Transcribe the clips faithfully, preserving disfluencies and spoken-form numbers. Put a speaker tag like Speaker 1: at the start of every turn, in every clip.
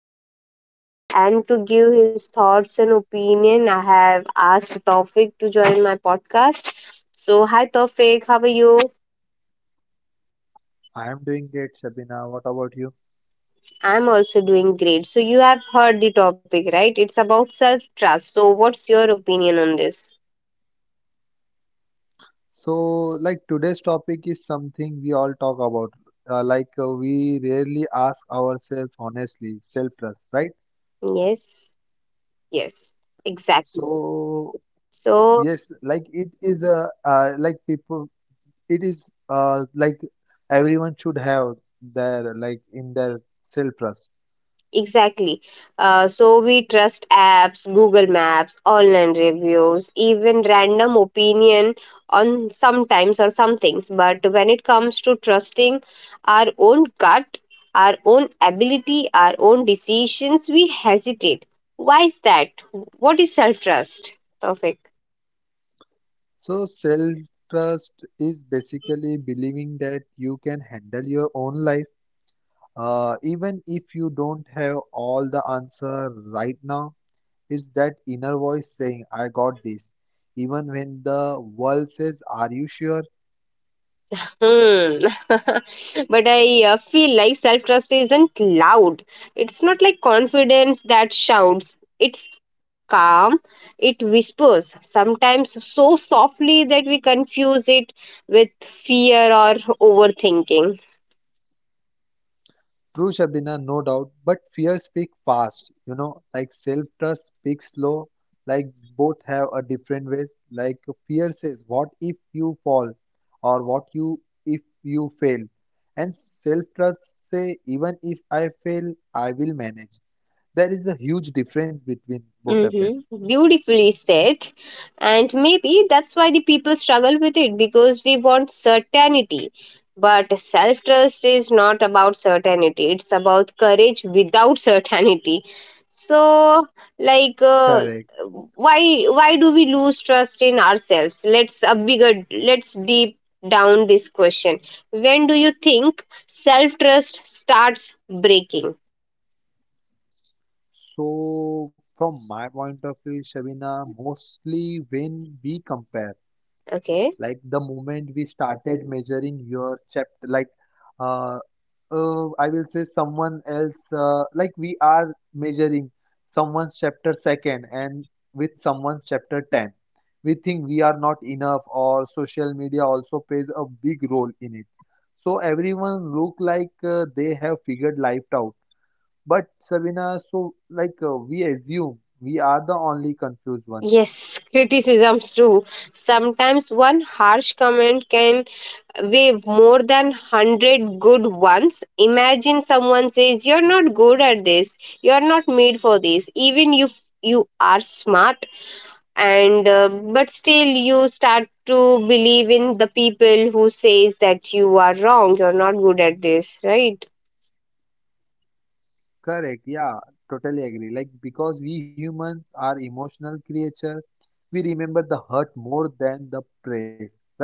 Speaker 1: real growth. And to give his thoughts and opinion, I have asked Tawfiq to join my podcast. So, hi, Tawfiq, how are you?
Speaker 2: I'm doing great, Sabina. What about you?
Speaker 1: I'm also doing great. So, you have heard the topic, right? It's about self trust. So, what's your opinion on this?
Speaker 2: So, like today's topic is something we all talk about. Uh, like uh, we rarely ask ourselves honestly, self-trust, right?
Speaker 1: Yes, yes, exactly.
Speaker 2: So,
Speaker 1: So,
Speaker 2: yes, like it is a uh, like people, it is uh, like everyone should have their like in their self-trust.
Speaker 1: exactly. Uh, so we trust apps, Google Maps, online reviews, even random opinion on sometimes or some things. But when it comes to trusting our own gut, our own ability, our own decisions, we hesitate. Why is that? What is self trust? Perfect.
Speaker 2: So, self-trust is basically believing that you can handle your own life. Uh, even if you don't have all the answer right now, it's that inner voice saying, I got this. Even when the world says, Are you sure?
Speaker 1: Hmm. But I uh, feel like self trust isn't loud. It's not like confidence that shouts. It's calm. It whispers, sometimes so softly that we confuse it with fear or overthinking.
Speaker 2: True, Shabina, no doubt, but fear speaks fast, you know, like self-trust speaks slow, like both have a different ways. Like fear says, What if you fall? Or what you if you fail? And self-trust say, Even if I fail, I will manage. There is a huge difference between both of them.
Speaker 1: Mm-hmm. Beautifully said. And maybe that's why the people struggle with it because we want certainty. But self trust is not about certainty, it's about courage without certainty. So, like,
Speaker 2: Correct.
Speaker 1: uh, why why do we lose trust in ourselves. Let's a bigger Let's deep down this question. When do you think self trust starts breaking?
Speaker 2: So, from my point of view, Shabina, mostly when we compare, like
Speaker 1: Okay.
Speaker 2: the moment we started measuring your chapter, like uh, uh, I will say someone else, uh, like we are measuring someone's chapter second and with someone's chapter ten. We think we are not enough, or social media also plays a big role in it. So everyone look like uh, they have figured life out. But Sabina, so like uh, we assume we are the only confused one.
Speaker 1: Yes, criticisms too. Sometimes one harsh comment can wave more than a hundred good ones. Imagine someone says, you're not good at this, you're not made for this, even if you are smart, and uh, but still you start to believe in the people who says that you are wrong, you're not good at this, right?
Speaker 2: Correct, yeah, totally agree. Like because we humans are emotional creature, we remember the hurt more than the praise, right?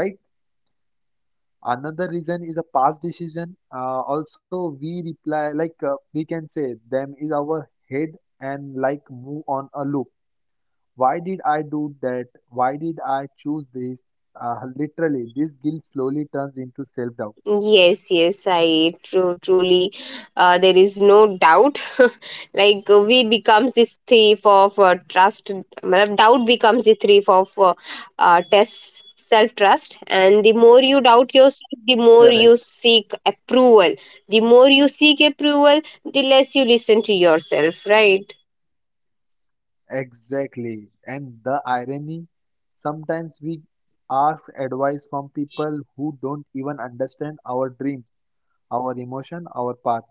Speaker 2: Another reason is a past decision. Uh, also we reply like uh, we can say them is our head and like move on a loop. Why did I do that? Why did I choose this? Uh, literally this guilt slowly turns into self doubt.
Speaker 1: Yes, yes, I true, truly. Uh, there is no doubt. Like uh, we becomes this thief of uh, trust. Matlab, doubt becomes the thief of uh, uh, test self trust. And the more you doubt yourself, the more you
Speaker 2: Correct,
Speaker 1: seek approval. The more you seek approval, the less you listen to yourself. Right?
Speaker 2: exactly. And the irony, sometimes we ask advice from people who don't even understand our dreams, our emotion, our path.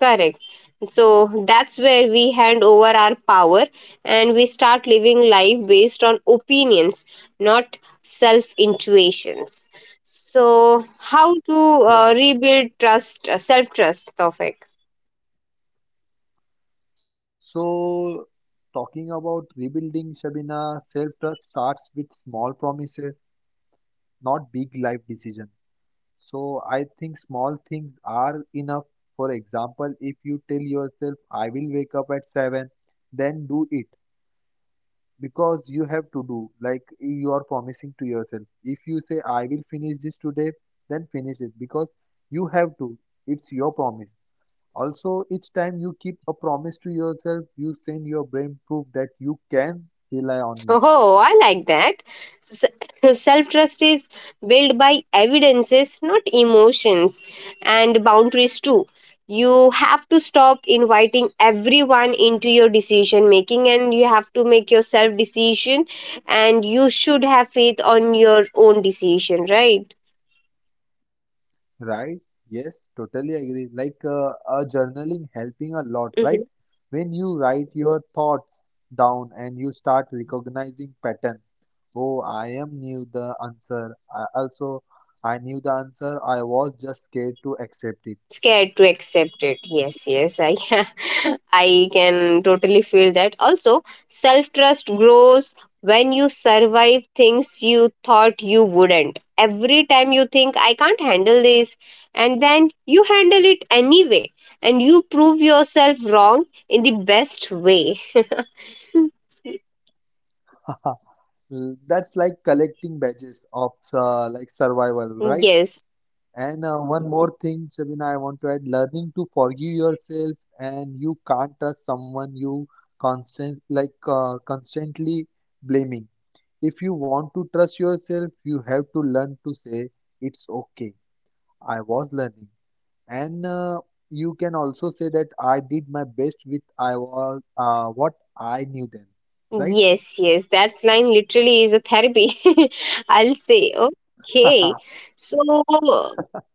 Speaker 1: Correct. So that's where we hand over our power and we start living life based on opinions, not self intuitions. So, how to uh,
Speaker 2: Correct.
Speaker 1: rebuild trust, uh, self trust, Tofik?
Speaker 2: So, talking about rebuilding Shabina, self-trust starts with small promises, not big life decisions. So, I think small things are enough. For example, if you tell yourself, I will wake up at seven, then do it because you have to do, like you are promising to yourself. If you say, I will finish this today, then finish it because you have to. It's your promise. Also, each time you keep a promise to yourself, you send your brain proof that you can rely on you,
Speaker 1: Oh, I like that. Self trust is built by evidences, not emotions, and boundaries too. You have to stop inviting everyone into your decision making and you have to make your self decision and you should have faith on your own decision, right?
Speaker 2: right? Yes, totally agree. Like uh, uh, journaling helping a lot, right?
Speaker 1: Mm-hmm.
Speaker 2: When you write your thoughts down and you start recognizing pattern. Oh, I am knew the answer. I also, I knew the answer. I was just scared to accept it.
Speaker 1: Scared to accept it. Yes, yes, I I can totally feel that also. Self trust grows when you survive things you thought you wouldn't. Every time you think I can't handle this, and then you handle it anyway and you prove yourself wrong in the best way.
Speaker 2: That's like collecting badges of uh, like survival, right?
Speaker 1: Yes.
Speaker 2: And uh, one more thing, Sabina, I want to add learning to forgive yourself, and you can't trust someone you constant like uh, constantly blaming. If you want to trust yourself, you have to learn to say it's okay. I was learning. And uh, You can also say that I did my best with I was uh, what I knew then, right?
Speaker 1: Yes, yes, that line literally is a therapy. I'll say, okay. So,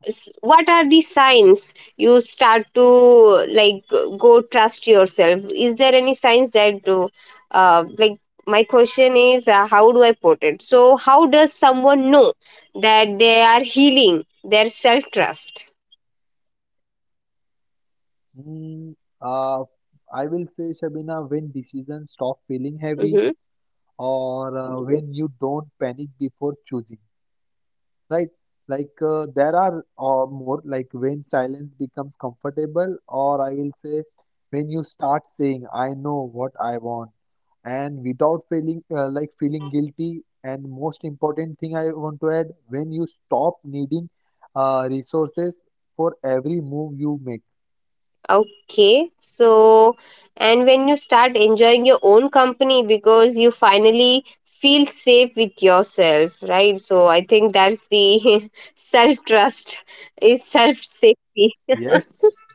Speaker 1: s- what are the signs you start to like go trust yourself? Is there any signs that, do- uh, like, my question is, uh, how do I put it? So, how does someone know that they are healing their self trust?
Speaker 2: Mm, uh, I will say, Shabina, when decisions stop feeling heavy, or uh, when you don't panic before choosing, right? Like uh, there are uh, more like when silence becomes comfortable, or I will say when you start saying I know what I want and without feeling uh, like feeling guilty. And most important thing I want to add, when you stop needing uh, resources for every move you make.
Speaker 1: Okay, so, and when you start enjoying your own company because you finally feel safe with yourself, right? So I think that's the self trust is self safety.
Speaker 2: Yes,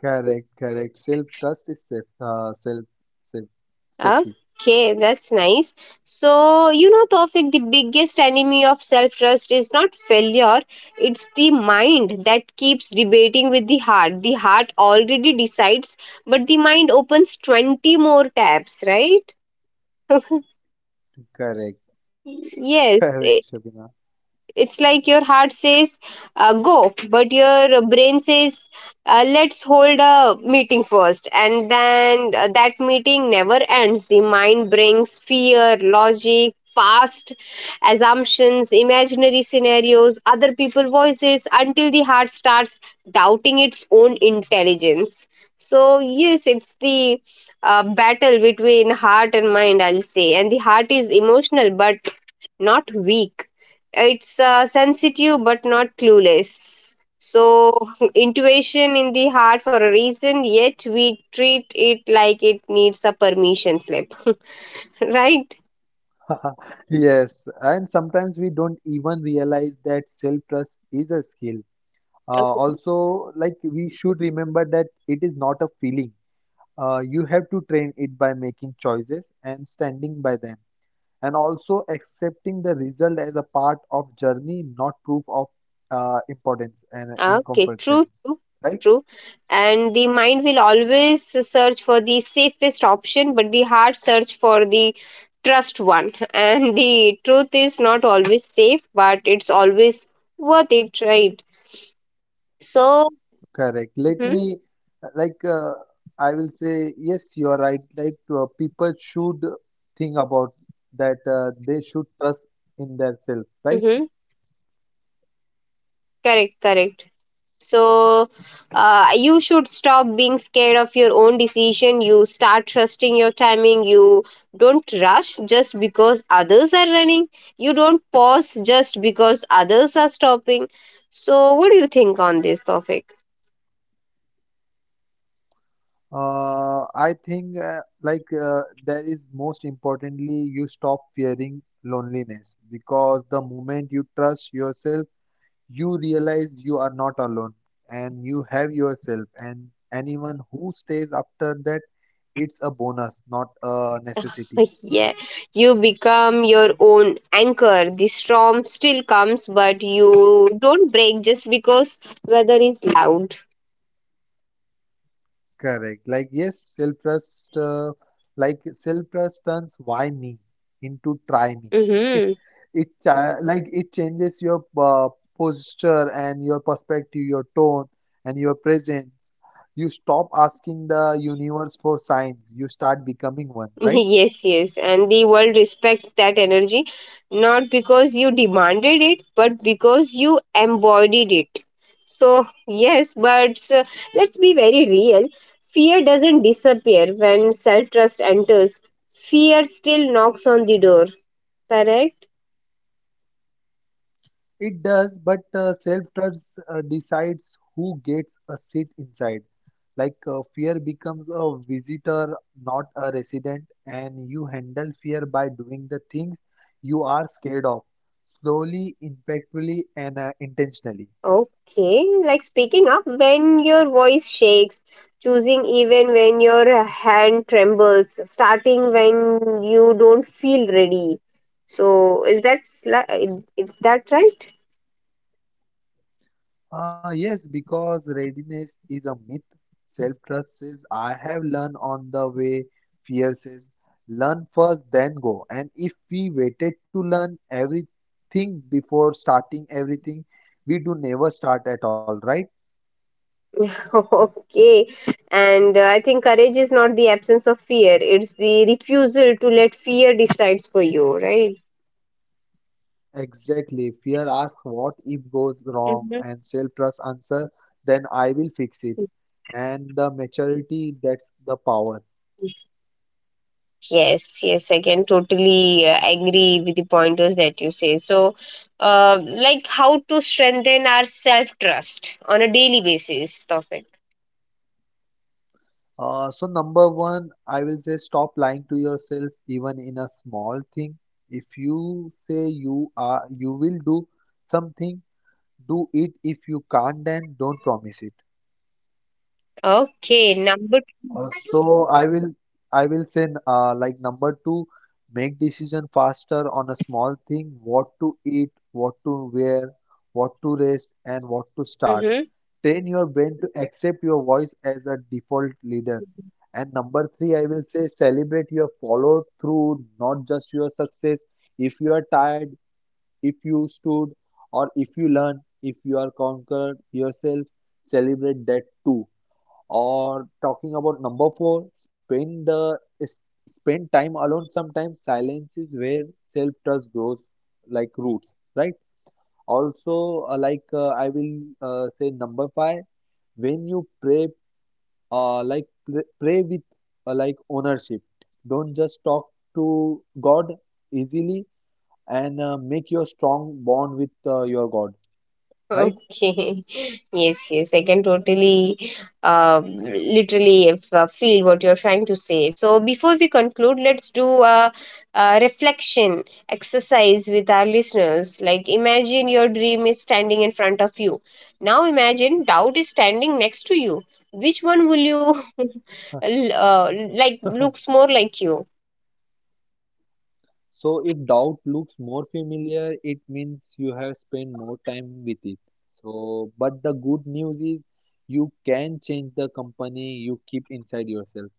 Speaker 2: correct, correct. Self trust is safe, uh, self safe safety.
Speaker 1: Okay, that's nice. So, you know, Tofik, the biggest enemy of self trust is not failure, it's the mind that keeps debating with the heart. The heart already decides, but the mind opens twenty more tabs, right?
Speaker 2: Correct. Correct,
Speaker 1: Yes, i-
Speaker 2: Shabina.
Speaker 1: it's like your heart says uh, go, but your brain says uh, let's hold a meeting first, and then uh, that meeting never ends. The mind brings fear, logic, past assumptions, imaginary scenarios, other people voices until the heart starts doubting its own intelligence. So, yes, it's the uh, battle between heart and mind, I'll say, and the heart is emotional, but not weak. It's uh, sensitive but not clueless. So, intuition in the heart for a reason, yet we treat it like it needs a permission slip, right?
Speaker 2: Yes, and sometimes we don't even realize that self-trust is a skill. Uh,
Speaker 1: Okay,
Speaker 2: also, like we should remember that it is not a feeling. Uh, you have to train it by making choices and standing by them, and also accepting the result as a part of journey, not proof of uh, importance and
Speaker 1: okay,
Speaker 2: incompetence.
Speaker 1: true, true,
Speaker 2: Right?
Speaker 1: true. And the mind will always search for the safest option, but the heart search for the trust one. And the truth is not always safe, but it's always worth it, right? So,
Speaker 2: Correct. Let
Speaker 1: mm-hmm,
Speaker 2: me, like, uh, I will say, yes, you are right. Like, uh, people should think about that uh, they should trust in themselves, right?
Speaker 1: mm-hmm. Correct, correct. So, uh, you should stop being scared of your own decision. You start trusting your timing. You don't rush just because others are running. You don't pause just because others are stopping. So, what do you think on this topic?
Speaker 2: Uh, I think, uh, like, uh, there is most importantly, you stop fearing loneliness because the moment you trust yourself, you realize you are not alone and you have yourself. And anyone who stays after that, it's a bonus, not a necessity.
Speaker 1: Yeah, you become your own anchor. The storm still comes, but you don't break just because weather is loud.
Speaker 2: Correct. Like, yes, self-trust, uh, like self-trust turns why me into try me.
Speaker 1: Mm-hmm.
Speaker 2: It cha- like it changes your uh, posture and your perspective, your tone and your presence. You stop asking the universe for signs. You start becoming one, right?
Speaker 1: Yes, yes. And the world respects that energy, not because you demanded it, but because you embodied it. So, yes, but uh, let's be very real. Fear doesn't disappear when self trust enters, fear still knocks on the door, correct?
Speaker 2: It does, but uh, self-trust uh, decides who gets a seat inside. Like uh, fear becomes a visitor, not a resident, and you handle fear by doing the things you are scared of, slowly, impactfully, and uh, intentionally.
Speaker 1: Okay, like speaking up when your voice shakes, choosing even when your hand trembles, starting when you don't feel ready. So is that sli- it's that right?
Speaker 2: Uh, yes, because readiness is a myth. Self-trust says, I have learned on the way. Fear says, learn first, then go. And if we waited to learn everything before starting everything, we do never start at all, right?
Speaker 1: Okay, and uh, I think courage is not the absence of fear; it's the refusal to let fear decides for you, right?
Speaker 2: Exactly. Fear asks, what if goes wrong?
Speaker 1: Hmm.
Speaker 2: And self-trust answer, then I will fix it. And the maturity, that's the power.
Speaker 1: Yes, yes, I can totally uh, agree with the pointers that you say. So, uh, like how to strengthen our self trust on a daily basis, Tawfiq.
Speaker 2: Uh, so number one, I will say stop lying to yourself even in a small thing. If you say you are you will do something, do it. If you can't, then don't promise it.
Speaker 1: Okay, number.
Speaker 2: Also, I will I will say uh, like number two, make decision faster on a small thing, what to eat, what to wear, what to rest, and what to start.
Speaker 1: Mm-hmm.
Speaker 2: Train your brain to accept your voice as a default leader. And number three, I will say celebrate your follow through, not just your success. If you are tired, if you stood, or if you learn, if you are conquered yourself, celebrate that too. Or talking about number four, spend the s- spend time alone. Sometimes silence is where self trust grows like roots, right? Also, uh, like uh, I will uh, say number five, when you pray, uh, like pray, pray with uh, like ownership. Don't just talk to god easily, and uh, make your strong bond with uh, your god, right?
Speaker 1: Okay. Yes, yes, I can totally, uh, literally if, uh, feel what you're trying to say. So before we conclude, let's do a, a reflection exercise with our listeners. Like, imagine your dream is standing in front of you. Now imagine doubt is standing next to you. Which one will you, l- uh, like, looks more like you?
Speaker 2: So if doubt looks more familiar, it means you have spent more time with it. So but the good news is you can change the company you keep inside yourself.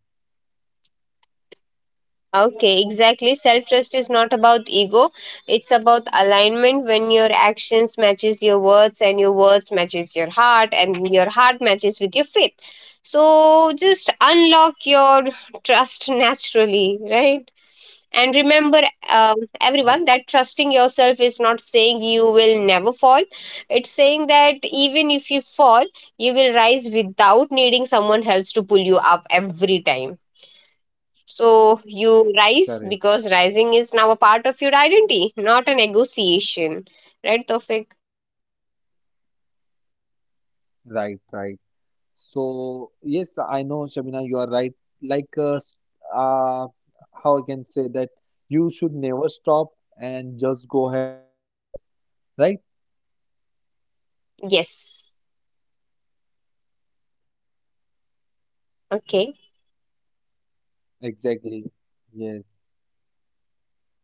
Speaker 1: Okay, exactly. Self trust is not about ego. It's about alignment when your actions matches your words and your words matches your heart and your heart matches with your faith. So just unlock your trust naturally, right? And remember, um, everyone, that
Speaker 2: Uh,
Speaker 1: trusting yourself is not saying you will never fall. It's saying that even if you fall, you will rise without needing someone else to pull you up every time. So you rise because rising
Speaker 2: Correct.
Speaker 1: is now a part of your identity, not a negotiation. Right, Tofik?
Speaker 2: Right right So yes, I know Shabina, you are right. Like uh, s- uh, how I can say that you should never stop and just go ahead, right?
Speaker 1: Yes. Okay.
Speaker 2: Exactly. Yes.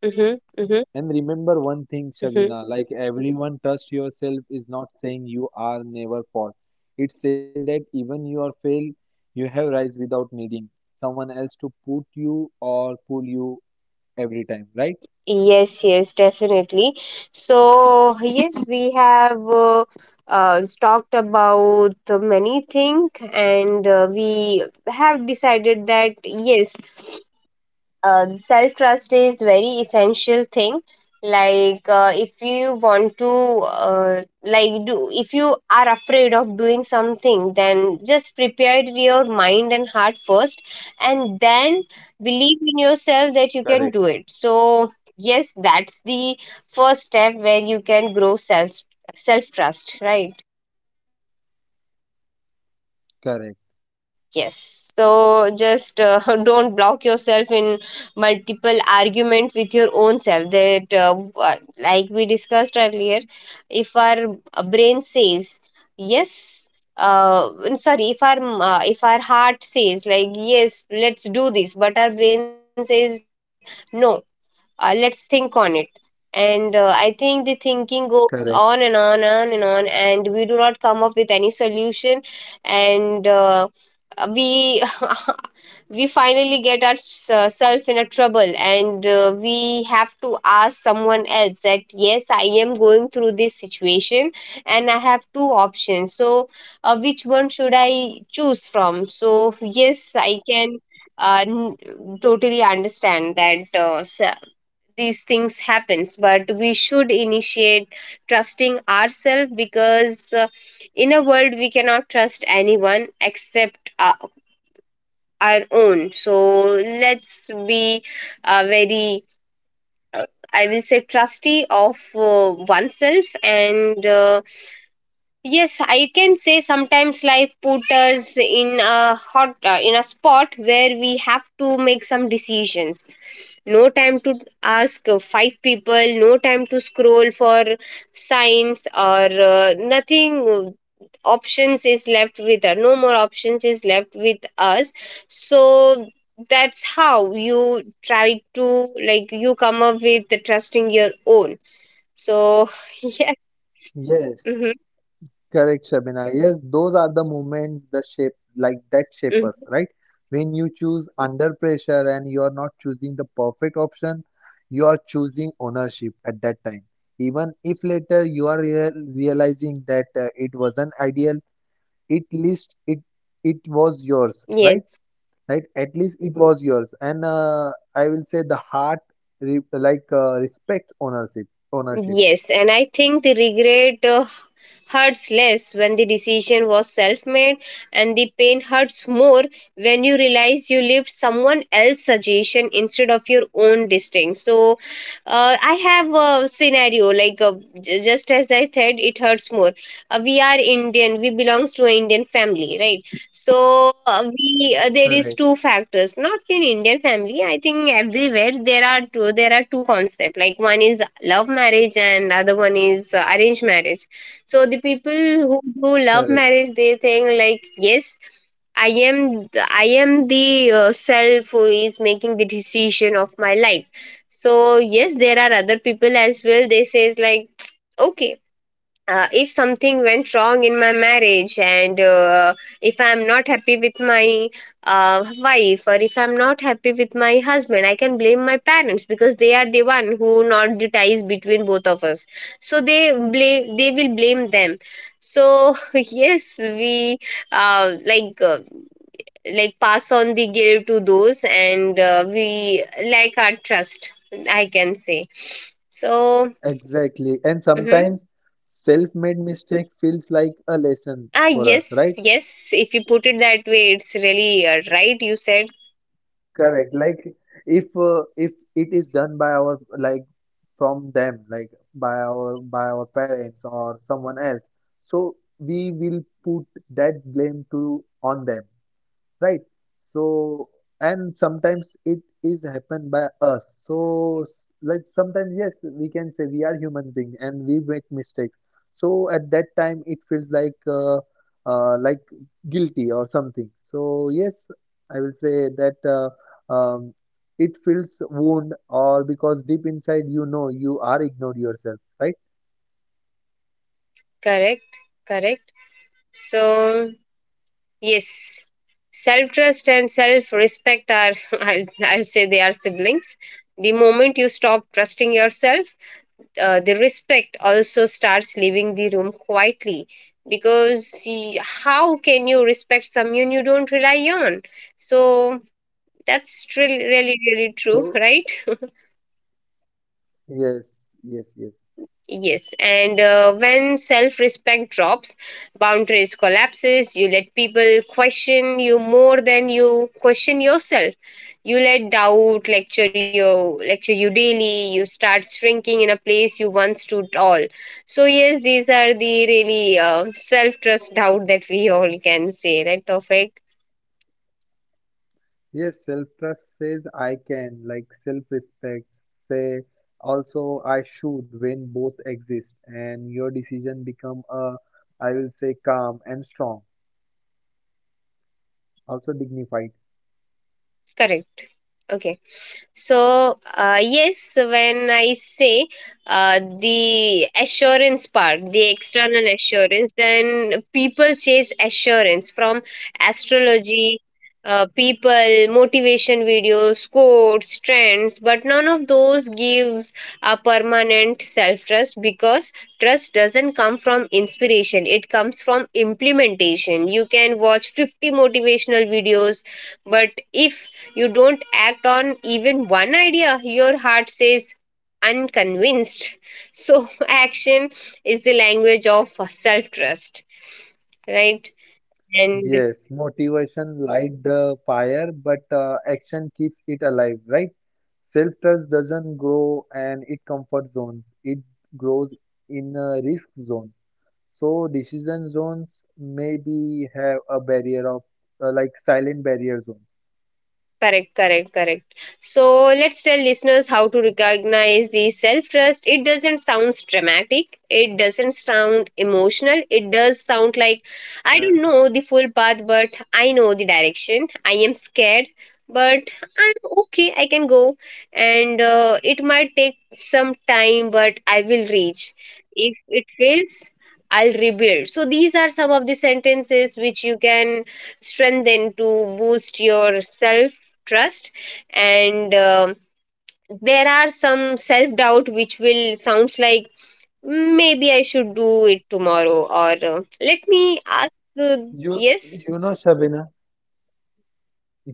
Speaker 1: Mm-hmm. Mm-hmm.
Speaker 2: And remember one thing,
Speaker 1: Mm-hmm.
Speaker 2: Shabina, like everyone trust yourself is not saying you are never fall. It's saying that even you are fail, you have rise without needing someone else to put you or pull you every time, right?
Speaker 1: Yes, yes, definitely. So, yes, we have uh, uh, talked about many things, and uh, we have decided that yes, um, self trust is very essential thing. Like uh, if you want to uh, like do, if you are afraid of doing something, then just prepare your mind and heart first and then believe in yourself that you can do
Speaker 2: Correct.
Speaker 1: it, so yes, that's the first step where you can grow self self trust, right?
Speaker 2: Correct.
Speaker 1: Yes. So just uh, don't block yourself in multiple argument with your own self. That uh, uh, like we discussed earlier, if our uh, brain says yes, uh, sorry, if our m- uh, if our heart says like yes, let's do this, but our brain says no, uh, let's think on it. And uh, I think the thinking goes on and on and
Speaker 2: Correct.
Speaker 1: on and on, and we do not come up with any solution and. Uh, uh, we we finally get ourselves in a trouble and uh, we have to ask someone else that yes, I am going through this situation and I have two options, so uh, which one should I choose from. So yes, I can uh, n- totally understand that uh, s- these things happens, but we should initiate trusting ourselves because uh, in a world we cannot trust anyone except our our own. So let's be uh, very, uh, I will say, trusty of uh, oneself and uh, Yes, I can say sometimes life put us in a hot uh, in a spot where we have to make some decisions. No time to ask uh, five people, no time to scroll for signs or uh, nothing uh, options is left with us. No more options is left with us. So that's how you try to like you come up with the trusting your own. So yeah.
Speaker 2: Yes.
Speaker 1: Hmm,
Speaker 2: Correct, Shabina. Yes, those are the moments the shape like that shape us,
Speaker 1: hmm.
Speaker 2: right? When you choose under pressure and you are not choosing the perfect option, you are choosing ownership at that time. Even if later you are real, realizing that uh, it wasn't ideal, at least it it was yours, right?
Speaker 1: Yes.
Speaker 2: Right? At least it was yours, and uh, I will say the heart re like uh, respect ownership. Ownership.
Speaker 1: Yes, and I think the regret uh, hurts less when the decision was self made, and the pain hurts more when you realize you lived someone else's suggestion instead of your own distinct. So, uh, I have a scenario like uh, j- just as I said, it hurts more. Uh, we are Indian, we belongs to an Indian family, right? so uh, we uh, there is
Speaker 2: Correct.
Speaker 1: two factors not in Indian family. I think everywhere there are two there are two concepts. Like one is love marriage and other one is uh, arranged marriage. So the people who do love
Speaker 2: Correct.
Speaker 1: marriage, they think like, yes, i am th- i am the uh, self who is making the decision of my life. So yes, there are other people as well, they says like, okay, uh, if something went wrong in my marriage and uh, if I'm not happy with my uh, wife, or if I'm not happy with my husband, I can blame my parents because they are the one who not the ties between both of us. So they blame they will blame them. So yes, we uh, like uh, like pass on the guilt to those, and uh, we lack our trust, I can say. So
Speaker 2: Exactly. And
Speaker 1: mhm.
Speaker 2: sometimes self-made mistake feels like a lesson
Speaker 1: Ah,
Speaker 2: for us,
Speaker 1: yes,
Speaker 2: right?
Speaker 1: yes. If you put it that way, it's really uh, right. You said
Speaker 2: Correct. Like if uh, if it is done by our like from them, like by our by our parents or someone else, so we will put that blame to on them, right? So and sometimes it is happen by us. So s- like sometimes yes we can say we are human being and we make mistakes, so at that time it feels like uh, uh, like guilty or something. So yes, I will say that uh, um, it feels wound or because deep inside you know you are ignored yourself, right?
Speaker 1: correct, correct. So, yes, self trust and self respect are, I'll, I'll say, they are siblings. The moment you stop trusting yourself, uh, the respect also starts leaving the room quietly. Because y- how can you respect someone you don't rely on? So, that's really, really, really true,
Speaker 2: So
Speaker 1: right?
Speaker 2: yes, yes, yes.
Speaker 1: Yes, and uh, when self respect drops, boundaries collapses, you let people question you more than you question yourself. You let doubt lecture you lecture you daily, you start shrinking in a place you once stood tall. So yes, these are the really uh, self trust doubt that we all can say, right, Tofik?
Speaker 2: Yes, self-trust says I can, like self-respect say also I should, when both exist and your decision become a, I will say, calm and strong, also dignified.
Speaker 1: Correct. Okay. So, uh, yes, when I say uh, the assurance part, the external assurance, then people chase assurance from astrology, uh, people, motivation videos, quotes, trends, but none of those gives a permanent self trust, because trust doesn't come from inspiration, it comes from implementation. You can watch fifty motivational videos, but if you don't act on even one idea, your heart says unconvinced. So, action is the language of self trust, right? And
Speaker 2: Yes, motivation light the fire, but uh, action keeps it alive, right? Self-trust doesn't grow and it comfort zones. It grows in a risk zone. So decision zones maybe have a barrier of uh, like silent barrier zone.
Speaker 1: correct, correct, correct. So let's tell listeners how to recognize the self trust. It doesn't sound dramatic, it doesn't sound emotional, it does
Speaker 2: Correct.
Speaker 1: sound like, I don't know the full path, but I know the direction. I am scared, but I'm okay, I can go. And uh, it might take some time, but I will reach. If it fails, I'll rebuild. So these are some of the sentences which you can strengthen to boost your self trust. And um there are some self doubt which will sounds like, "Mm, maybe I should do it tomorrow, or uh, let me ask uh,
Speaker 2: You
Speaker 1: yes
Speaker 2: you know, Shabina,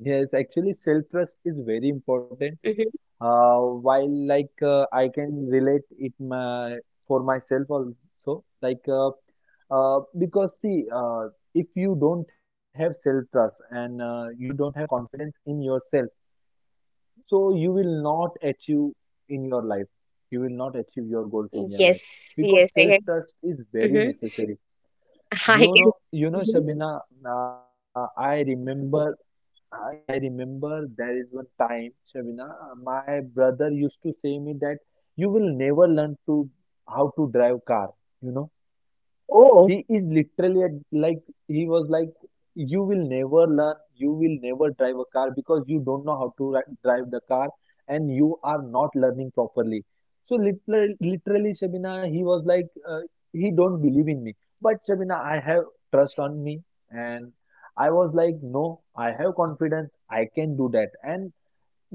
Speaker 2: yes, actually self-trust is very important.
Speaker 1: hmm
Speaker 2: Uh, while like uh, I can relate it my, for myself also, like uh, uh, because see, uh, if you don't have self-trust and uh, you don't have confidence in yourself, so you will not achieve in your life. You will not achieve your goals in your life
Speaker 1: yes
Speaker 2: because
Speaker 1: yes I can
Speaker 2: self-trust is very
Speaker 1: hmm
Speaker 2: necessary.
Speaker 1: I
Speaker 2: You
Speaker 1: can
Speaker 2: know, you know,
Speaker 1: mhm.
Speaker 2: Shabina, uh, I remember I, I remember there is one time, Shabina, my brother used to say me that you will never learn to how to drive car, you know.
Speaker 1: Oh
Speaker 2: He is literally at, like he was like you will never learn, you will never drive a car because you don't know how to ri- drive the car and you are not learning properly. So literally literally Shabina, he was like uh, he don't believe in me, but Shabina, I have trust on me. And I was like no, I have confidence, I can do that. And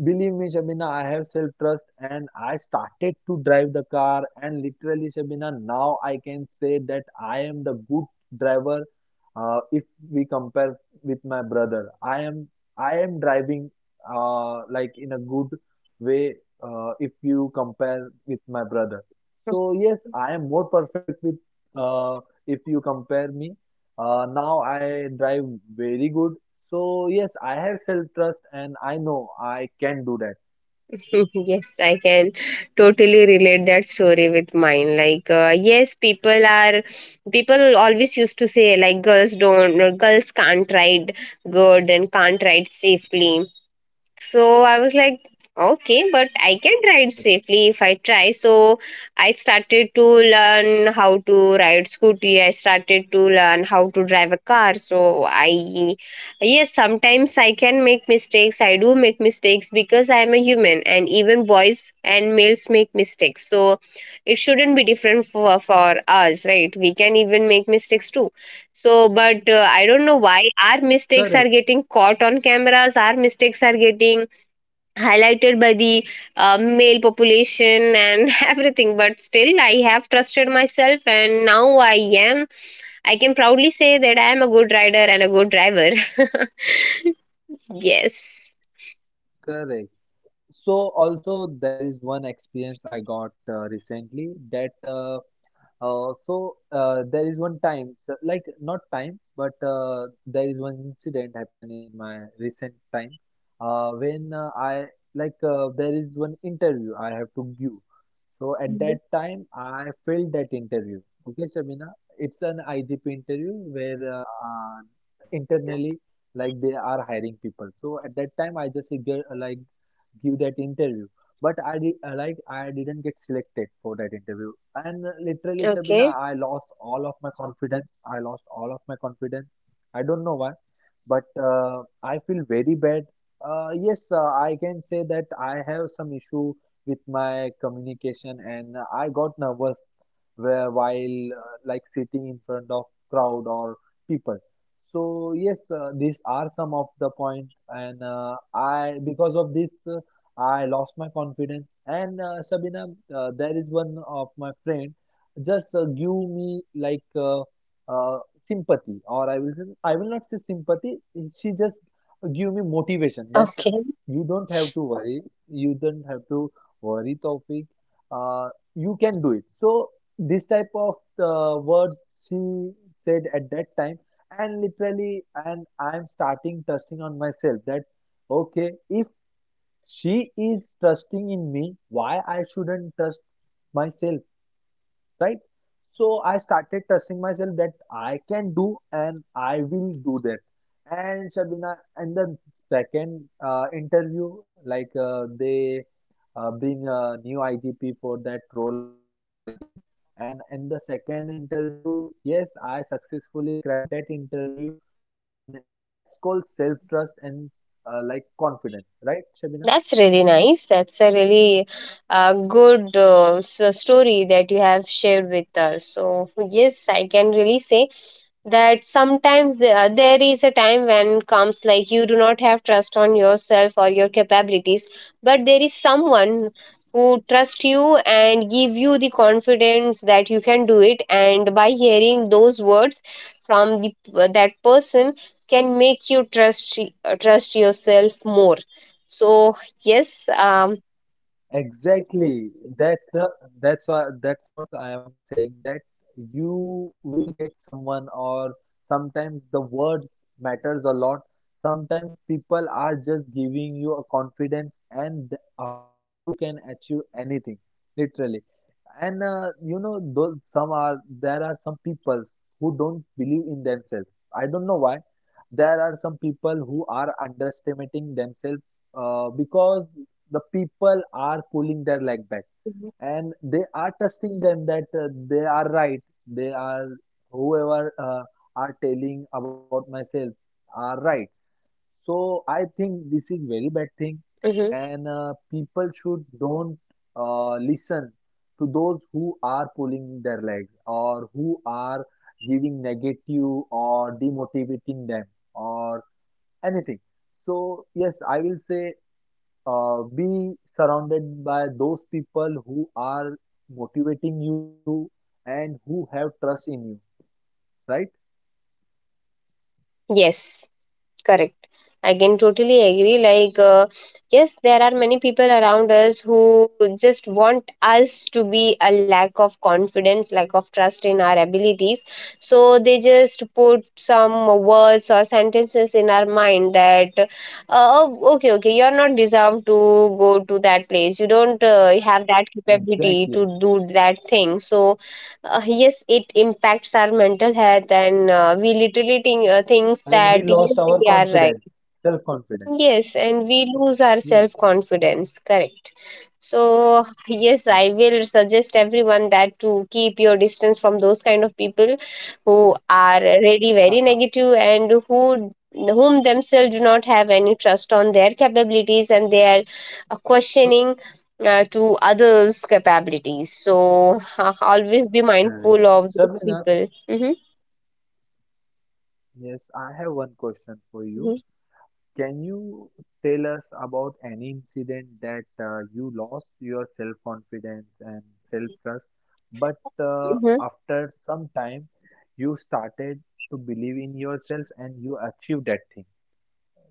Speaker 2: believe me, Shabina, I have self-trust and I started to drive the car and literally, Shabina, now I can say that I am the good driver uh, if we compare with my brother. I am I am driving uh, like in a good way uh, if you compare with my brother. So yes, I am more perfect with uh, if you compare me. Uh, now I drive very good. So yes, I have self-trust and I know I can do that.
Speaker 1: yes, I can totally relate that story with mine. Like uh, yes, people are people always used to say like, girls don't, or girls can't ride good and can't ride safely. So I was like, okay, but I can
Speaker 2: Correct,
Speaker 1: ride safely if I try. So I started to learn how to ride scooty. I started to learn how to drive a car. So I, yes, sometimes I can make mistakes. I do make mistakes because I am a human, and even boys and males make mistakes. So it shouldn't be different for for us, right? We can even make mistakes too. So, but uh, I don't know why our mistakes are
Speaker 2: correct,
Speaker 1: getting caught on cameras, our mistakes are getting highlighted by the uh, male population and everything, but still I have trusted myself, and now I am, I can proudly say that I am a good rider and a good driver. Yes.
Speaker 2: correct. So also there is one experience I got uh, recently that uh, uh, so uh, there is one time so, like not time but uh, there is one incident happened in my recent time uh, when uh, I like uh, there is one interview I have to give. So at that
Speaker 1: Mhm.
Speaker 2: time, I filled that interview. Okay, Shabina, it's an I G P interview where uh, uh, internally, like they are hiring people. So at that time, I just give, like give that interview, but I did uh, like I didn't get selected for that
Speaker 1: Okay,
Speaker 2: interview. And literally, Shabina, I lost all of my confidence. I lost all of my confidence. I don't know why, but uh, I feel very bad. Uh, yes, uh, I can say that I have some issue with my communication and I got nervous where while uh, like sitting in front of crowd or people. So yes, uh, these are some of the point and uh, I, because of this uh, I lost my confidence. And uh, Sabina, uh, there is one of my friend just uh, give me like uh, uh, sympathy, or I will say, I will not say sympathy, she just give me motivation
Speaker 1: okay.
Speaker 2: that you don't have to worry, you don't have to worry, Taufik. Uh, you can do it. So this type of uh, words she said at that time, and literally, and I'm starting trusting on myself that okay, if she is trusting in me, why I shouldn't trust myself, right? So I started trusting myself that I can do and I will do that. And Shabina, and the second uh, interview, like uh, they uh, bring a new I G P for that role again. And in the second interview, yes, I successfully cracked that interview. And yes, that's called self-trust and uh, like confidence, right, Shabina?
Speaker 1: That's really nice. That's a really uh, good uh, s- uh, story that you have shared with us. So, yes, I can really say that sometimes the, uh, there is a time when comes like you do not have trust on yourself or your capabilities, but there is someone who trust you and give you the confidence that you can do it. And by hearing those words from the, uh, that person, can make you trust y- uh, trust yourself more. So yes, um,
Speaker 2: Exactly. That's the that's what that's what I am saying, that you will get someone, or sometimes the words matters a lot. Sometimes people are just giving you a confidence and th- after that you can achieve anything, literally. And uh, you know, those some are there are some people who don't believe in themselves. I don't know why. There are some people who are underestimating themselves uh, because the people are pulling their leg back
Speaker 1: mhm.
Speaker 2: and they are trusting them that uh, they are right they are whoever uh, are telling about myself are right. So I think this is very bad thing.
Speaker 1: Mhm.
Speaker 2: And uh, people should don't uh, listen to those who are pulling their legs or who are giving negative or demotivating them or anything. So yes, I will say uh, be surrounded by those people who are motivating you and who have trust in you, right?
Speaker 1: Yes, correct. I can totally agree. Like, uh, yes, there are many people around us who just want us to be a lack of confidence, lack of trust in our abilities. So they just put some words or sentences in our mind that, uh, oh, okay, okay, you're not deserved to go to that place. You don't uh, have that capability
Speaker 2: Exactly.
Speaker 1: to do that thing. So uh, yes, it impacts our mental health, and uh, we literally think, uh, thinks
Speaker 2: And we
Speaker 1: that
Speaker 2: lost
Speaker 1: yes,
Speaker 2: our
Speaker 1: they are
Speaker 2: confidence,
Speaker 1: right.
Speaker 2: self-confidence.
Speaker 1: Yes, and we lose our self
Speaker 2: Yes,
Speaker 1: confidence, correct. So, yes,
Speaker 2: correct.
Speaker 1: I will suggest everyone that to keep your distance from those kind of people who are really very negative, and who whom themselves do not have any trust on their capabilities, and they are uh,
Speaker 2: So,
Speaker 1: questioning uh, to others' capabilities. So, always be
Speaker 2: correct.
Speaker 1: mindful of those
Speaker 2: Shabina,
Speaker 1: people. Mm-hmm.
Speaker 2: yes, I have one question for you.
Speaker 1: Mm-hmm.
Speaker 2: Can you tell us about any incident that uh, you lost your self-confidence and self-trust, but uh,
Speaker 1: Mm-hmm.
Speaker 2: after some time you started to believe in yourself and you achieved that thing?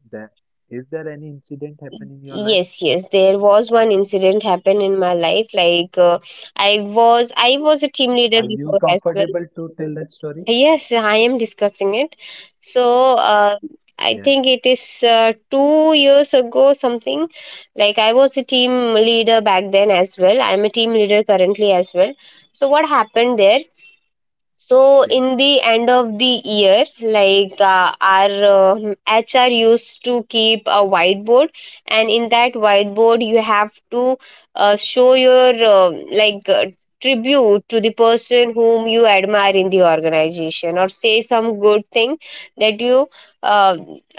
Speaker 2: That is there any incident happen in your life?
Speaker 1: Yes, yes. There was one incident happened in my life. Like uh, I was, I was a team leader
Speaker 2: Are you
Speaker 1: before as well.
Speaker 2: comfortable to tell that story?
Speaker 1: Yes, I am discussing it. So uh, I
Speaker 2: Yeah.
Speaker 1: think it is uh, two years ago something. Like I was a team leader back then as well. I am a team leader currently as well. So what happened there?
Speaker 2: Okay.
Speaker 1: So in the end of the year, like uh, our uh, H R used to keep a whiteboard, and in that whiteboard you have to uh, show your uh, like uh, tribute to the person whom you admire in the organization, or say some good thing that you uh,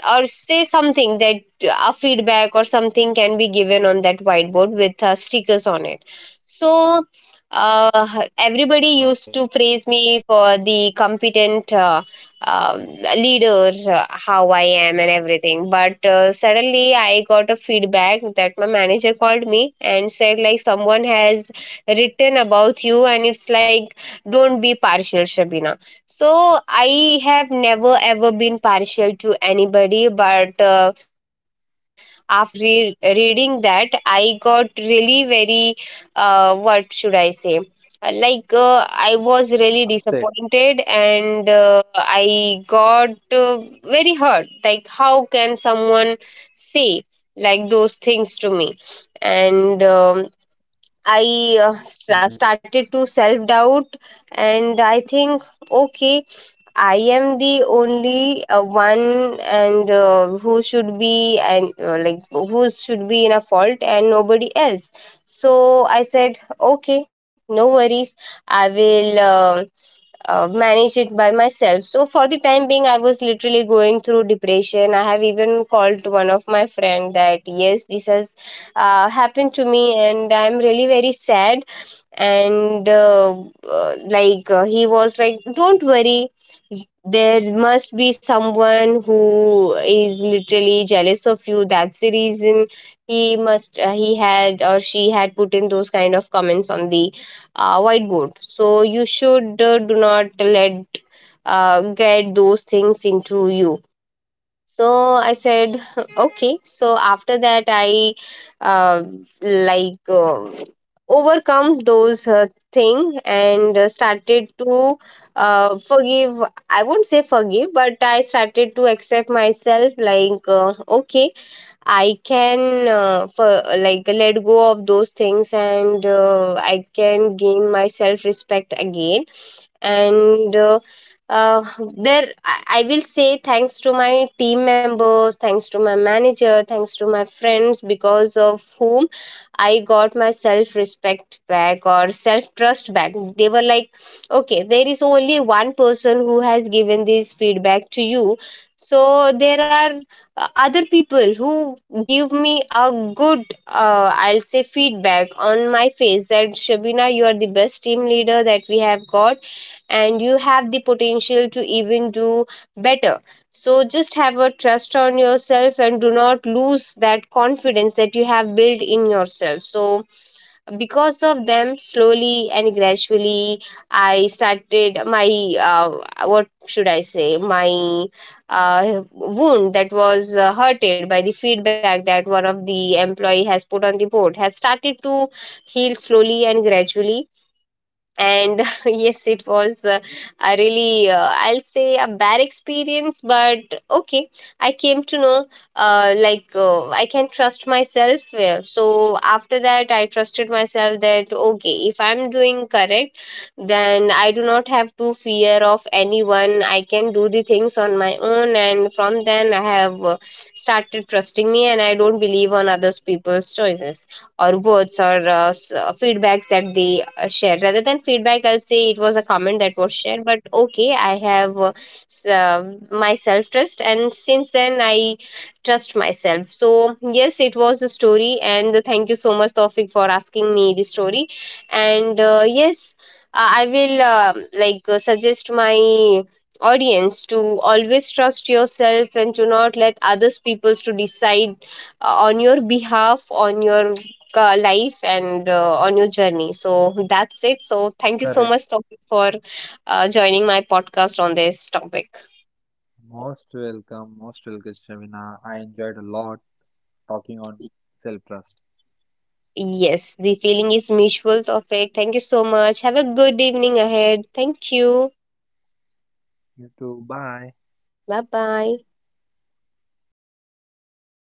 Speaker 1: or say something that uh, a feedback or something can be given on that whiteboard with uh, stickers on it. So uh,
Speaker 2: Okay.
Speaker 1: everybody used to praise me for the competent uh, uh, leader, uh, how I am, and everything. But uh, suddenly, I got a feedback that my manager called me and said, like, someone has written about you, and it's like, don't be partial, Shabina. So I have never ever been partial to anybody, but uh, after re- reading that, I got really very uh, what should I say? Uh, like uh, I was really
Speaker 2: Upset.
Speaker 1: disappointed, and uh, I got uh, very hurt. Like how can someone say like those things to me? And um, I
Speaker 2: Correct.
Speaker 1: uh, st- started to self doubt, and I think, okay, I am the only uh, one and uh, who should be and uh, like who should be in a fault and nobody else. So I said, okay, no
Speaker 2: Actually, I
Speaker 1: worries.
Speaker 2: will say,
Speaker 1: I
Speaker 2: Shavina,
Speaker 1: will uh, uh, manage it by myself. So for the time being, I was
Speaker 2: you know
Speaker 1: literally going
Speaker 2: what,
Speaker 1: through
Speaker 2: Shabina?
Speaker 1: depression. I have even called one of my friend that, yes, this has uh, happened to me, and I'm really very sad. And uh, uh, like uh, he was like, don't worry, there must be someone who is literally jealous of you, that's the reason he must uh, he had or she had put in those kind of comments on the uh, whiteboard. So you should uh, do not let uh, get those things into you. So I said, okay. So after that, I uh, like um overcome those uh, thing, and uh, started to uh, forgive. I won't say forgive, but I started to accept myself. Like uh, okay, I can uh, for, like let go of those things, and uh, I can gain my self respect again. And uh, uh, there I, I will say thanks to my team members, thanks to my manager, thanks to my friends, because of whom I got my self respect back or self trust back. They were like, okay, there is only one person who has given this feedback to you, so there are uh, other people who give me a good uh, I'll say feedback on my face, that Shabina, you are the best team leader that we have got, and you have the potential to even do better. So just have a trust on yourself and do not lose that confidence that you have built in yourself. So because of them, slowly and gradually, I started my uh, what should I say, my uh, wound that was uh, hurted by the feedback that one of the employee has put on the board has started to heal slowly and gradually. And yes, it was uh, a really uh, I'll say a bad experience, but okay, I came to know uh, like uh, I can trust myself. Uh, so after that I trusted myself that okay, if I'm doing correct, then I do not have to fear of anyone. I can do the things on my own, and from then I have uh, started trusting me, and I don't believe on others people's choices or words or uh, s- uh, feedbacks that they uh, shared. Rather than feedback, I'll say it was a comment that was shared, but okay, I have uh, s- uh, my self trust, and since then I trust myself. So yes, it was a story, and thank you so much Tawfiq, for asking me the story. And uh, yes, uh, I will uh, like uh, suggest my audience to always trust yourself, and to not let others peoples to decide uh, on your behalf, on your uh, life, and uh, on your journey. So that's it. So thank you so
Speaker 3: Correct.
Speaker 1: much Taufeeq, for uh, joining my podcast on this topic.
Speaker 3: Most welcome, most welcome, Shamina. I enjoyed a lot talking on self-trust.
Speaker 1: Yes, the feeling is mutual, Topic. Thank you so much. Have a good evening ahead. Thank you.
Speaker 3: You too. Bye.
Speaker 1: Bye bye.